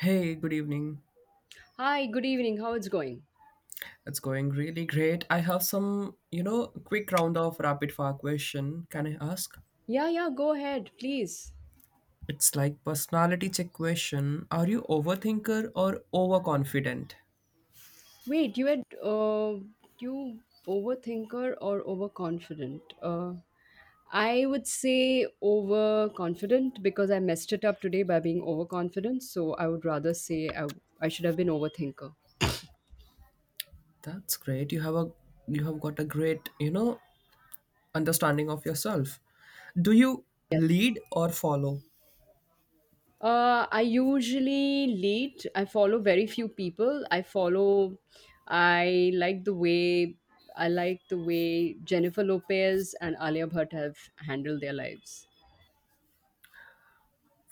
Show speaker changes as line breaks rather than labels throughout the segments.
Hey, good evening.
Hi, good evening. How it's going?
It's going really great. I have some, you know, quick round of rapid fire question. Can I ask?
Yeah, yeah, go ahead, please.
It's like personality check question. Are you overthinker or overconfident?
Wait, you overthinker or overconfident? I would say overconfident because I messed it up today by being overconfident. So I would rather say I should have been overthinker.
That's great. You have got a great, you know, understanding of yourself. Do you lead or follow?
I usually lead. I follow very few people. I follow. I like the way I like the way Jennifer Lopez and Alia Bhatt have handled their lives.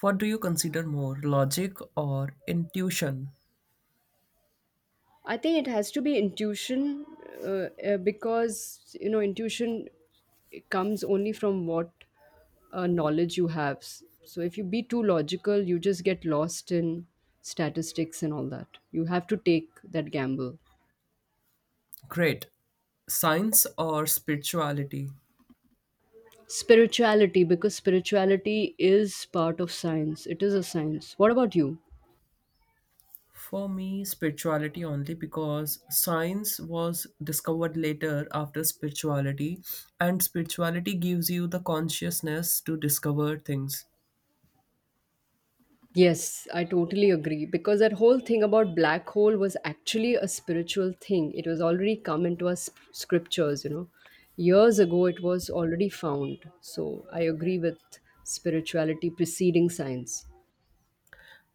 What do you consider more, logic or intuition?
I think it has to be intuition, because you know intuition comes only from what knowledge you have. So if you be too logical, you just get lost in statistics and all that. You have to take that gamble.
Great. Science or spirituality?
Spirituality, because spirituality is part of science. It is a science. What about you?
For me, spirituality only because science was discovered later after spirituality, and spirituality gives you the consciousness to discover things.
Yes, I totally agree. Because that whole thing about black hole was actually a spiritual thing. It was already come into our scriptures. Years ago, it was already found. So I agree with spirituality preceding science.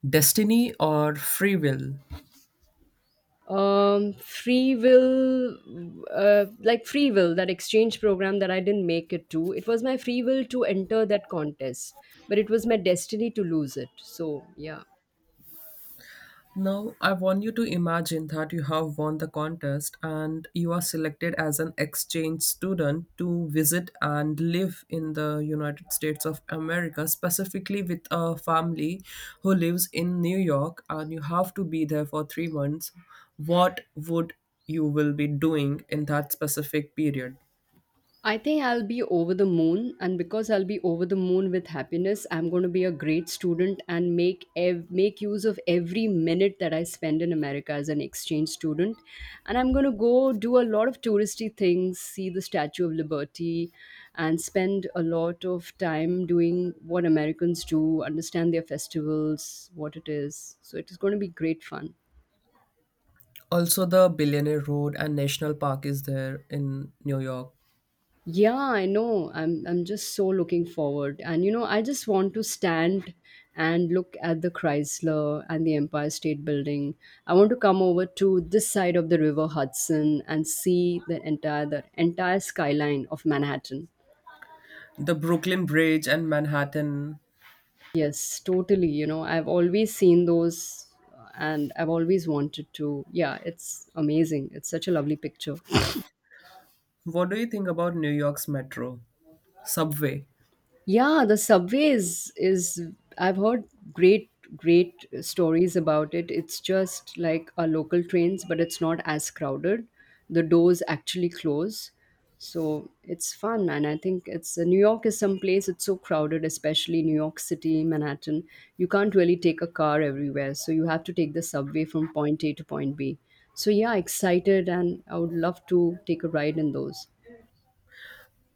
Destiny or free will?
Free will. Like, free will, that exchange program that I didn't make it to, it was my free will to enter that contest, but it was my destiny to lose it, so yeah.
Now, I want you to imagine that you have won the contest and you are selected as an exchange student to visit and live in the United States of America, specifically with a family who lives in New York, and you have to be there for 3 months. What would You will be doing in that specific period?
I think I'll be over the moon, and because I'll be over the moon with happiness, I'm going to be a great student and make use of every minute that I spend in America as an exchange student. And I'm going to go do a lot of touristy things, see the Statue of Liberty, and spend a lot of time doing what Americans do, understand their festivals, what it is. So it is going to be great fun.
Also, the Billionaire Road and National Park is there in New York.
Yeah, I know. I'm just so looking forward. And you know, I just want to stand and look at the Chrysler and the Empire State Building. I want to come over to this side of the River Hudson and see the entire skyline of Manhattan.
The Brooklyn Bridge and Manhattan.
Yes, totally. You know, I've always seen those and I've always wanted to. Yeah, it's amazing. It's such a lovely picture.
What do you think about New York's metro? Subway.
Yeah, the subways is, I've heard, great great stories about it. It's just like our local trains, but it's not as crowded. The doors actually close. So it's fun and I think it's New York is some place, it's so crowded, especially New York City, Manhattan. You can't really take a car everywhere. So you have to take the subway from point A to point B. So yeah, excited and I would love to take a ride in those.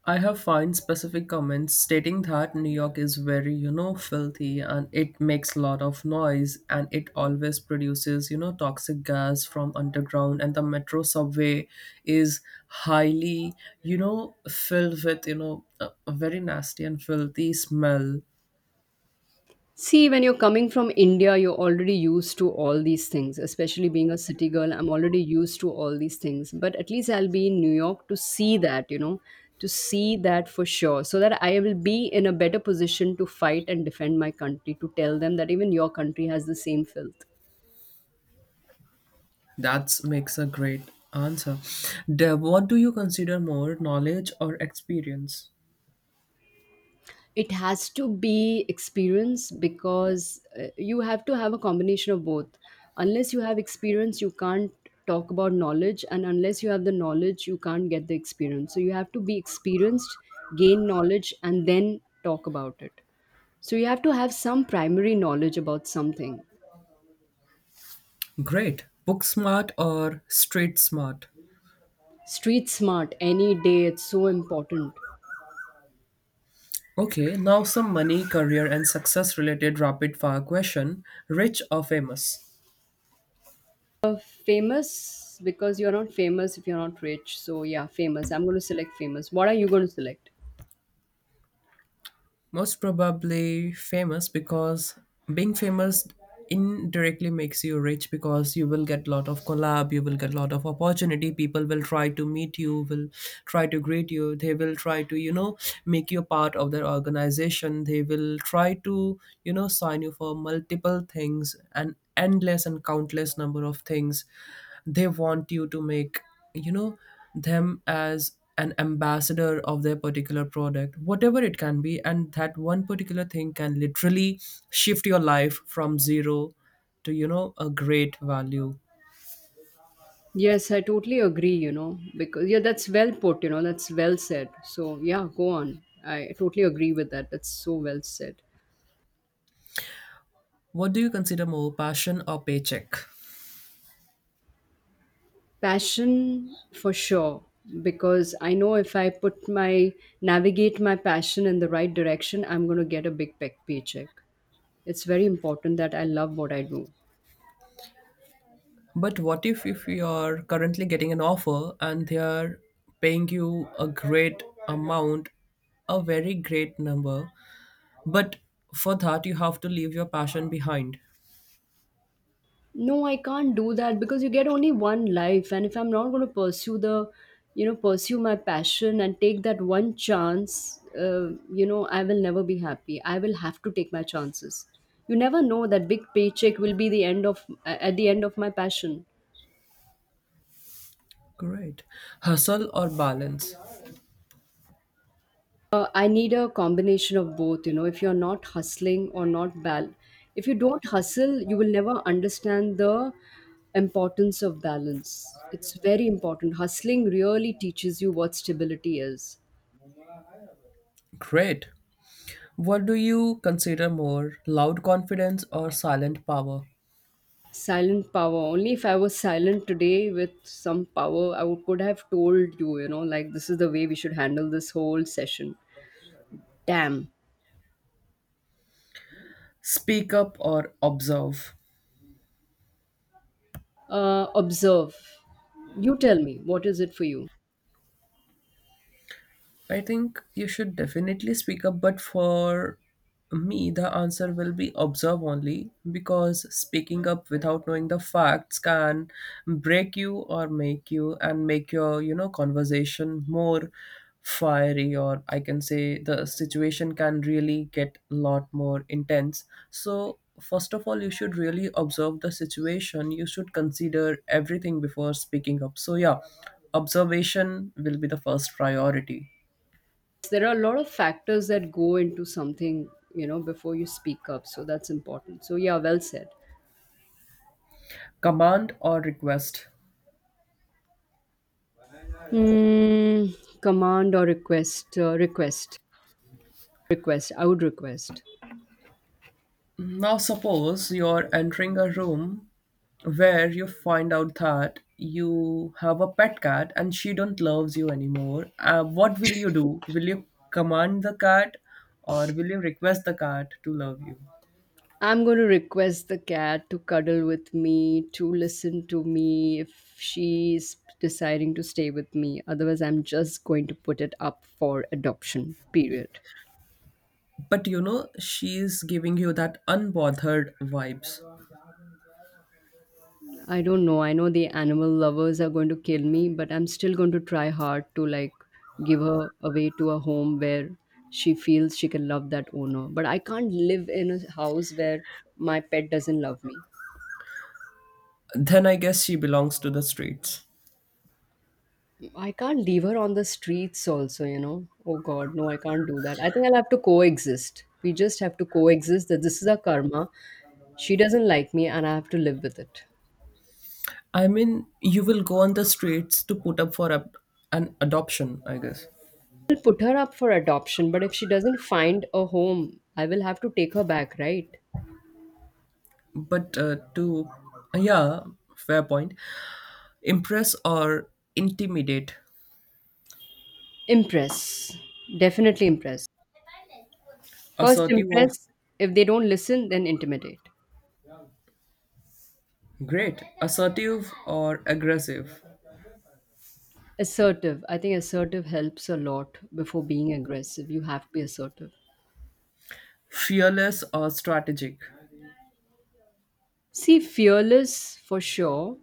I have found specific comments stating that New York is very, filthy and it makes a lot of noise and it always produces, toxic gas from underground and the metro subway is highly, filled with, a very nasty and filthy smell.
See, when you're coming from India, you're already used to all these things, especially being a city girl. I'm already used to all these things, but at least I'll be in New York to see that, you know, to see that for sure, so that I will be in a better position to fight and defend my country, to tell them that even your country has the same filth.
That makes a great answer. Deb, what do you consider more, knowledge or experience?
It has to be experience because you have to have a combination of both. Unless you have experience, you can't talk about knowledge, and unless you have the knowledge, you can't get the experience, so you have to be experienced, gain knowledge, and then talk about it. So you have to have some primary knowledge about something.
Great. Book smart or street smart?
Street smart any day, it's so important.
Okay, now some money, career, and success related rapid fire question. Rich or famous?
Famous, because you're not famous if you're not rich, so yeah, famous, I'm going to select famous. What are you going to select?
Most probably famous because being famous indirectly makes you rich because you will get lot of collab, you will get lot of opportunity. People will try to meet you, will try to greet you. They will try to, make you a part of their organization. They will try to, sign you for multiple things and endless and countless number of things they want you to make, you know them as an ambassador of their particular product, whatever it can be. And that one particular thing can literally shift your life from zero to, a great value.
Yes, I totally agree, you know, because yeah, that's well put, you know, that's well said. So, yeah, go on. I totally agree with that. That's so well said.
What do you consider more, passion or paycheck?
Passion for sure, because I know if I put my, navigate my passion in the right direction, I'm going to get a big paycheck. It's very important that I love what I do.
But what if you're currently getting an offer and they are paying you a great amount, a very great number, but for that you have to leave your passion behind.
No, I can't do that because you get only one life, and if I'm not going to pursue the, you know, pursue my passion and take that one chance, I will never be happy. I will have to take my chances. You never know that big paycheck will be the end of, at the end of my passion.
Great. Hustle or balance?
I need a combination of both. You know, if you're not hustling or not bal, if you don't hustle, you will never understand the importance of balance. It's very important. Hustling really teaches you what stability is.
Great. What do you consider more, loud confidence or silent power?
Silent power. Only if I was silent today with some power, I would, could have told you, you know, like this is the way we should handle this whole session. Damn.
Speak up or observe?
Observe. You tell me, what is it for you?
I think you should definitely speak up, but for me, the answer will be observe only because speaking up without knowing the facts can break you or make you and make your conversation more fiery, or I can say the situation can really get a lot more intense. So, first of all, you should really observe the situation. You should consider everything before speaking up. So, yeah, observation will be the first priority.
There are a lot of factors that go into something, you know, before you speak up, so that's important, so yeah, well said.
Command or request.
Hmm, command or request, I would request.
Now, suppose you're entering a room where you find out that you have a pet cat and she don't loves you anymore. What will you do? Will you command the cat or will you request the cat to love you?
I'm going to request the cat to cuddle with me, to listen to me, if she's deciding to stay with me, otherwise I'm just going to put it up for adoption, period.
But she's giving you that unbothered vibes.
I don't know. I know the animal lovers are going to kill me, but I'm still going to try hard to like give her away to a home where she feels she can love that owner. But I can't live in a house where my pet doesn't love me.
Then I guess she belongs to the streets.
I can't leave her on the streets also, you know. Oh god, no, I can't do that. I think I'll have to coexist. We just have to coexist, that this is our karma. She doesn't like me and I have to live with it.
I mean, you will go on the streets to put up for a, an adoption, I guess.
I'll put her up for adoption, but if she doesn't find a home, I will have to take her back, right?
But to, yeah. Fair point. Impress or intimidate?
Impress. Definitely impress. First,
Assertive or...
impress. If they don't listen, then intimidate.
Great. Assertive or aggressive?
Assertive. I think assertive helps a lot before being aggressive. You have to be assertive.
Fearless or strategic?
See, fearless for sure.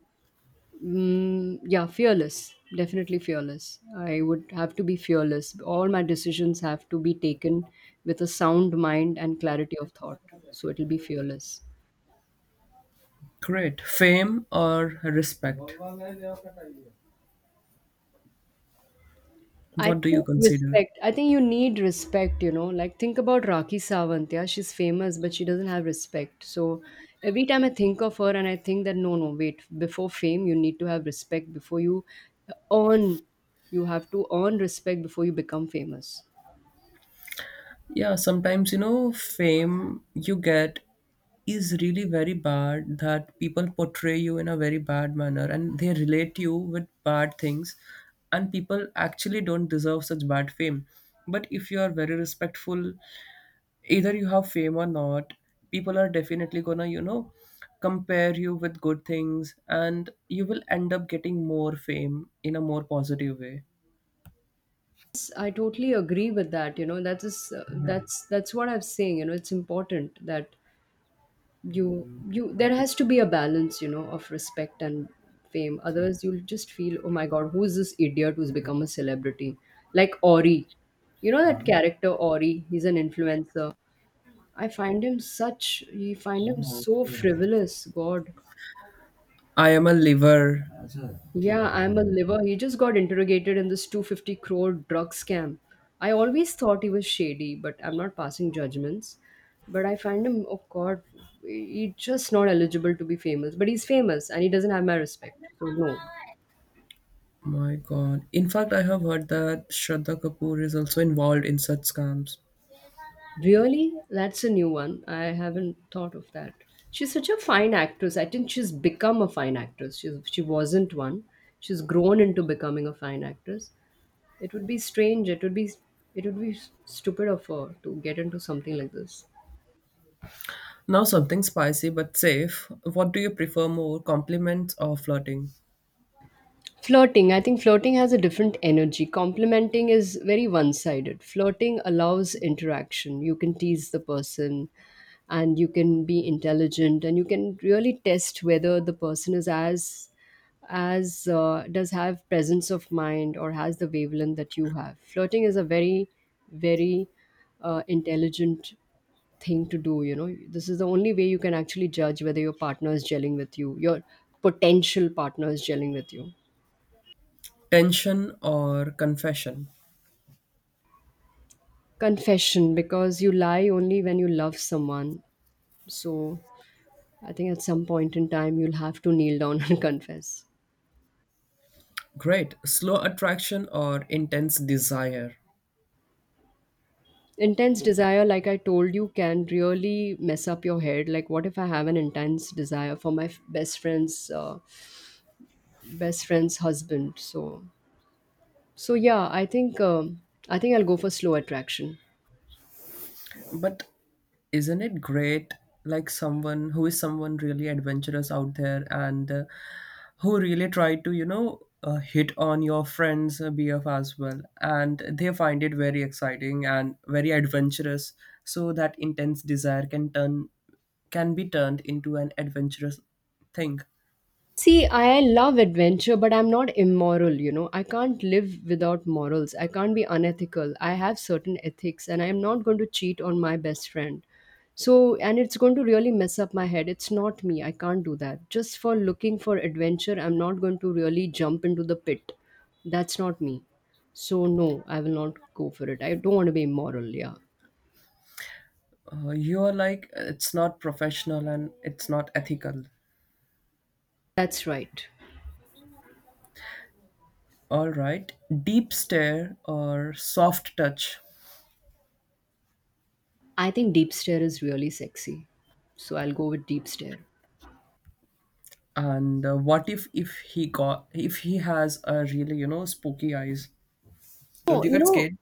Mm, yeah, fearless. Definitely fearless. I would have to be fearless. All my decisions have to be taken with a sound mind and clarity of thought. So it'll be fearless.
Great. Fame or respect?
I
What do you
think
consider?
respect. I think you need respect, you know. Like think about Rakhi Sawant, yeah, she's famous, but she doesn't have respect. So every time I think of her and I think that no, no, wait, before fame you need to have respect, before you earn, you have to earn respect before you become famous.
Yeah, sometimes, fame you get is really very bad that people portray you in a very bad manner and they relate you with bad things, and people actually don't deserve such bad fame. But if you are very respectful, either you have fame or not, people are definitely gonna compare you with good things and you will end up getting more fame in a more positive way.
Yes, I totally agree with that, you know. That is that's what I'm saying, you know. It's important that you there has to be a balance, you know, of respect and fame, otherwise you'll just feel oh my god, who's this idiot who's become a celebrity, like Ori. You know that character Ori, he's an influencer. I find him such he find him so frivolous, god.
I am a liver.
Yeah, I'm a liver. He just got interrogated in this 250 crore drug scam. I always thought he was shady, but I'm not passing judgments. But I find him, oh God, he's just not eligible to be famous. But he's famous and he doesn't have my respect. So, no.
My God. In fact, I have heard that Shraddha Kapoor is also involved in such scams.
Really? That's a new one. I haven't thought of that. She's such a fine actress. I think she's become a fine actress. She wasn't one. She's grown into becoming a fine actress. It would be strange. It would be stupid of her to get into something like this.
Now, something spicy but safe. What do you prefer more, compliments or flirting?
Flirting. I think flirting has a different energy. Complimenting is very one-sided. Flirting allows interaction. You can tease the person and you can be intelligent and you can really test whether the person is as does have presence of mind or has the wavelength that you have. Flirting is a very, very intelligent thing to do, you know, this is the only way you can actually judge whether your partner is gelling with you, your potential partner is gelling with you.
Tension or confession?
Confession, because you lie only when you love someone, so I think at some point in time you'll have to kneel down and confess.
Great. Slow attraction or intense desire?
Intense desire, like I told you can really mess up your head, like what if I have an intense desire for my best friend's husband, so yeah, i think I'll go for slow attraction.
But isn't it great, like someone who is someone really adventurous out there and who really try to hit on your friend's BF as well? And they find it very exciting and very adventurous. So that intense desire can be turned into an adventurous thing.
See, I love adventure, but I'm not immoral, you know. I can't live without morals. I can't be unethical. I have certain ethics, and I'm not going to cheat on my best friend. So, and it's going to really mess up my head. It's not me. I can't do that. Just for looking for adventure, I'm not going to really jump into the pit. That's not me. So, no, I will not go for it. I don't want to be immoral. Yeah,
You're like, it's not professional and it's not ethical.
that's right.
All right. Deep stare or soft touch.
I think deep stare is really sexy. So, I'll go with deep stare.
And what if he got if he has a really spooky eyes, don't
Oh,
you
you
get
know,
scared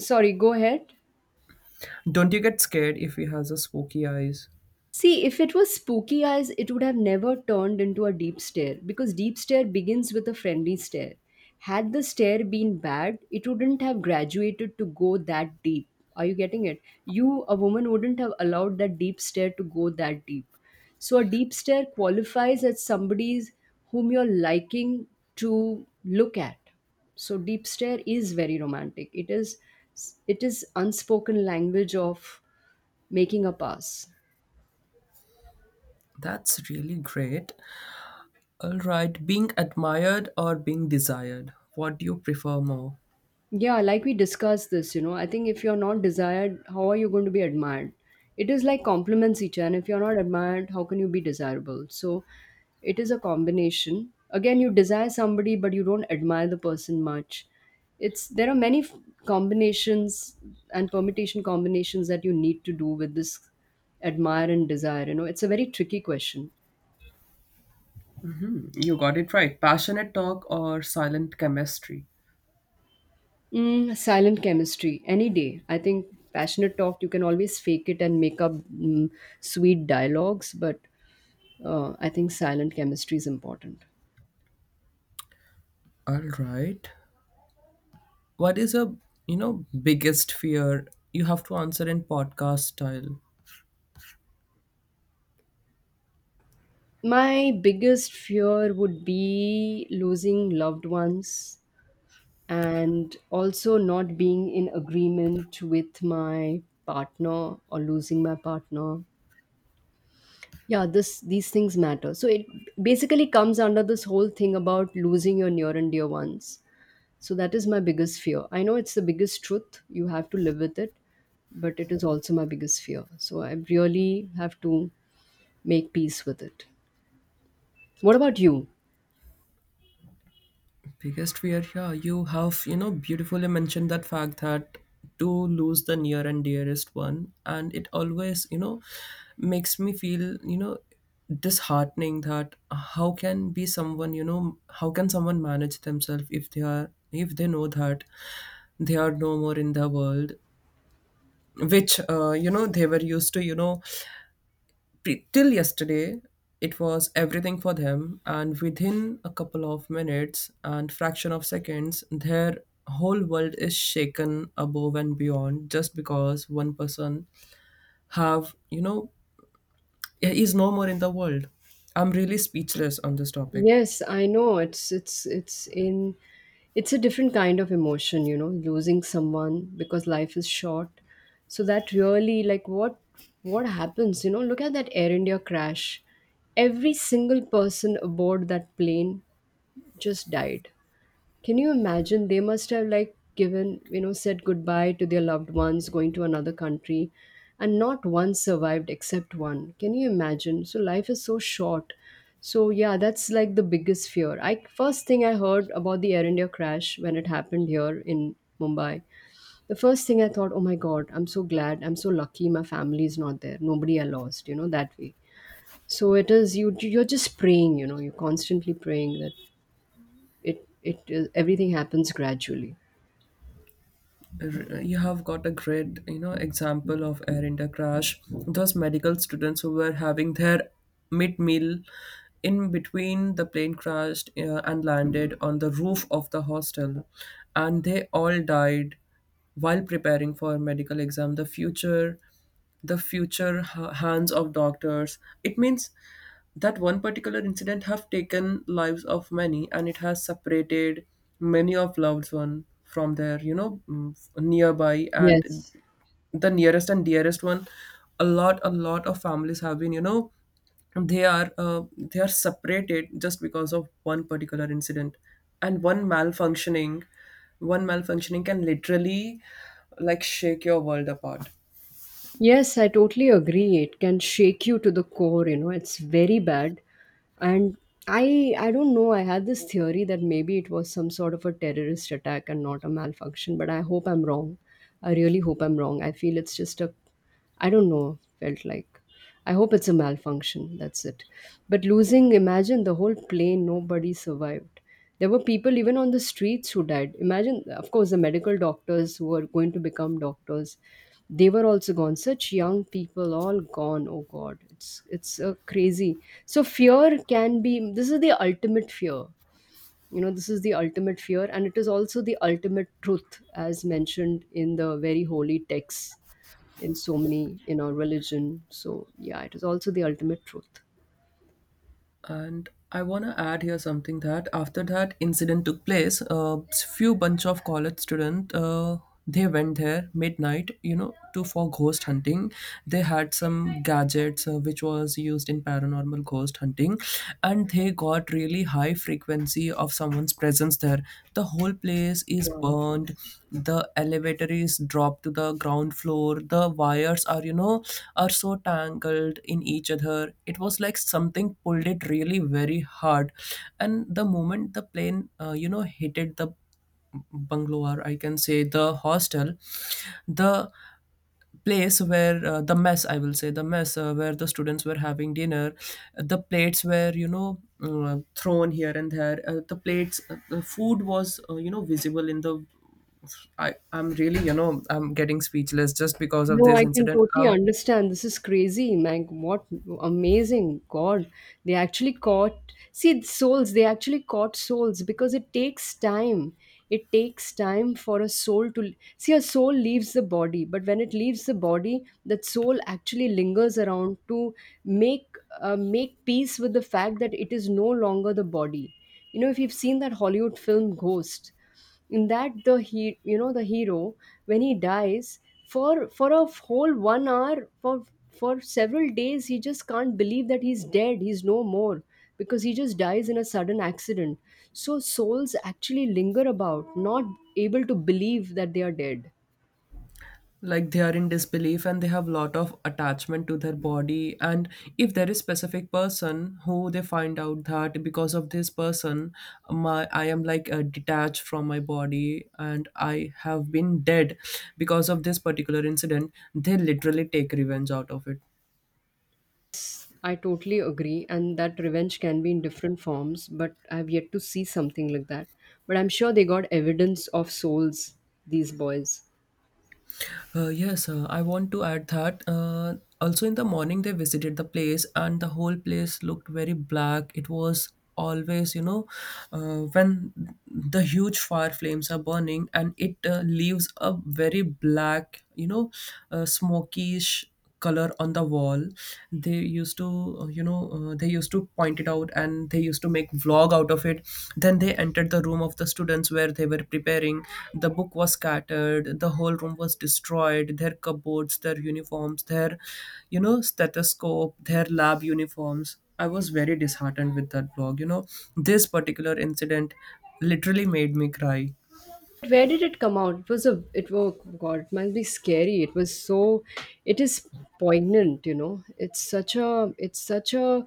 sorry, go ahead.
don't you get scared if he has a spooky eyes?
See, if it was spooky eyes, it would have never turned into a deep stare because deep stare begins with a friendly stare. Had the stare been bad, it wouldn't have graduated to go that deep. Are you getting it? You, a woman, wouldn't have allowed that deep stare to go that deep. So a deep stare qualifies as somebody's whom you're liking to look at. So deep stare is very romantic. It is unspoken language of making a pass.
That's really great. All right, being admired or being desired, what do you prefer more?
Yeah, like we discussed this, you know, I think if you're not desired, how are you going to be admired? It is like compliments each other. And if you're not admired, how can you be desirable? So it is a combination. Again, you desire somebody, but you don't admire the person much. It's there are many combinations and permutation combinations that you need to do with this admire and desire. You know, it's a very tricky question.
You got it right. Passionate talk or silent chemistry.
Mm, silent chemistry, any day. I think passionate talk, you can always fake it and make up sweet dialogues, but I think silent chemistry is important.
All right, what is a, biggest fear? You have to answer in podcast style.
My biggest fear would be losing loved ones and also not being in agreement with my partner or losing my partner. Yeah, this these things matter. So it basically comes under this whole thing about losing your near and dear ones. So that is my biggest fear. I know it's the biggest truth. You have to live with it, but it is also my biggest fear. So I really have to make peace with it. What about you?
Biggest fear, yeah, you have beautifully mentioned that fact, that to lose the near and dearest one. And it always, makes me feel, disheartening, that how can be someone, how can someone manage themselves if if they know that they are no more in the world, which, they were used to till yesterday it was everything for them, and within a couple of minutes and fraction of seconds their whole world is shaken above and beyond just because one person have, is no more in the world. I'm really speechless on this topic.
Yes, I know it's a different kind of emotion, you know, losing someone because life is short. So that really like what happens, you know, look at that Air India crash. Every single person aboard that plane just died. Can you imagine? They must have like given, you know, said goodbye to their loved ones going to another country and not one survived except one. Can you imagine? So life is so short. So yeah, that's like the biggest fear. I first thing I heard about the Air India crash when it happened here in Mumbai. The first thing I thought, oh my God, I'm so glad. I'm so lucky my family is not there. Nobody I lost, you know, that way. So it is you're just praying, you know, you're constantly praying that it it is everything happens gradually.
You have got a great, example of Air India crash. Those medical students who were having their mid meal in between, the plane crashed, and landed on the roof of the hostel, and they all died while preparing for medical exam. The future, hands of doctors, it means. That one particular incident have taken lives of many, and it has separated many of loved one from their, nearby and
Yes.
the nearest and dearest one. A lot of families have been, they are separated just because of one particular incident. And one malfunctioning can literally, like, shake your world apart.
Yes, I totally agree. It can shake you to the core, you know. It's very bad. And I don't know, I had this theory that maybe it was some sort of a terrorist attack and not a malfunction, but I hope I'm wrong. I really hope I'm wrong. I feel it's just a I don't know, felt like. I hope it's a malfunction, that's it. But losing, imagine the whole plane, nobody survived. There were people even on the streets who died. Imagine, of course, the medical doctors who are going to become doctors. They were also gone. Such young people, all gone. Oh God, it's crazy. So fear can be. This is the ultimate fear. You know, this is the ultimate fear, and it is also the ultimate truth, as mentioned in the very holy texts in so many in our religion. So yeah, it is also the ultimate truth.
And I want to add here something that after that incident took place, a few bunch of college students, they went there midnight, you know, to for ghost hunting. They had some gadgets, which was used in paranormal ghost hunting, and they got really high frequency of someone's presence there. The whole place is
Wow.
burned. The elevator is dropped to the ground floor. The wires are are so tangled in each other, it was like something pulled it really very hard. And the moment the plane hit it, the bungalow, or I can say the hostel, the place where the mess, I will say the mess, where the students were having dinner, the plates were, thrown here and there, the plates, the food was, visible in the I I'm really you know I'm getting speechless just because of
No,
this
I can
incident
totally
um
understand. This is crazy, Meg. What amazing God. They actually caught, see, souls, they actually caught souls because it takes time. It takes time for a soul to, see, a soul leaves the body, but when it leaves the body, that soul actually lingers around to make make peace with the fact that it is no longer the body. You know, if you've seen that Hollywood film Ghost, in that the he you know the hero when he dies for a whole 1 hour for several days, he just can't believe that he's dead, he's no more because he just dies in a sudden accident. So souls actually linger about not able to believe that they are dead.
Like, they are in disbelief and they have lot of attachment to their body, and if there is specific person who they find out that, because of this person, my I am like, detached from my body and I have been dead because of this particular incident, they literally take revenge out of it.
I totally agree, and that revenge can be in different forms, but I've yet to see something like that, but I'm sure they got evidence of souls, these boys.
Yes, I want to add that. Also, in the morning, they visited the place, and the whole place looked very black. It was always, when the huge fire flames are burning, and it leaves a very black, smokish color on the wall. they used to they used to point it out, and they used to make vlog out of it. Then they entered the room of the students where they were preparing, the book was scattered, the whole room was destroyed, their cupboards, their uniforms, their, stethoscope, their lab uniforms. I was very disheartened with that vlog. This particular incident literally made me cry.
But where did it come out? It was God, it must be scary. It was so it is poignant, you know. It's such a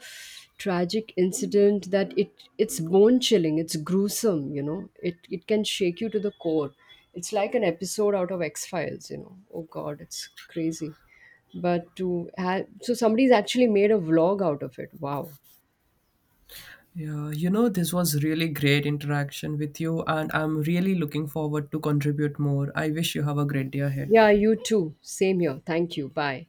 tragic incident that it's bone chilling, it's gruesome, you know. It can shake you to the core. It's like an episode out of X Files, you know. Oh God, it's crazy. But to have so somebody's actually made a vlog out of it. Wow.
Yeah, this was really great interaction with you, and I'm really looking forward to contribute more. I wish you have a great day ahead.
Yeah, you too. Same here. Thank you. Bye.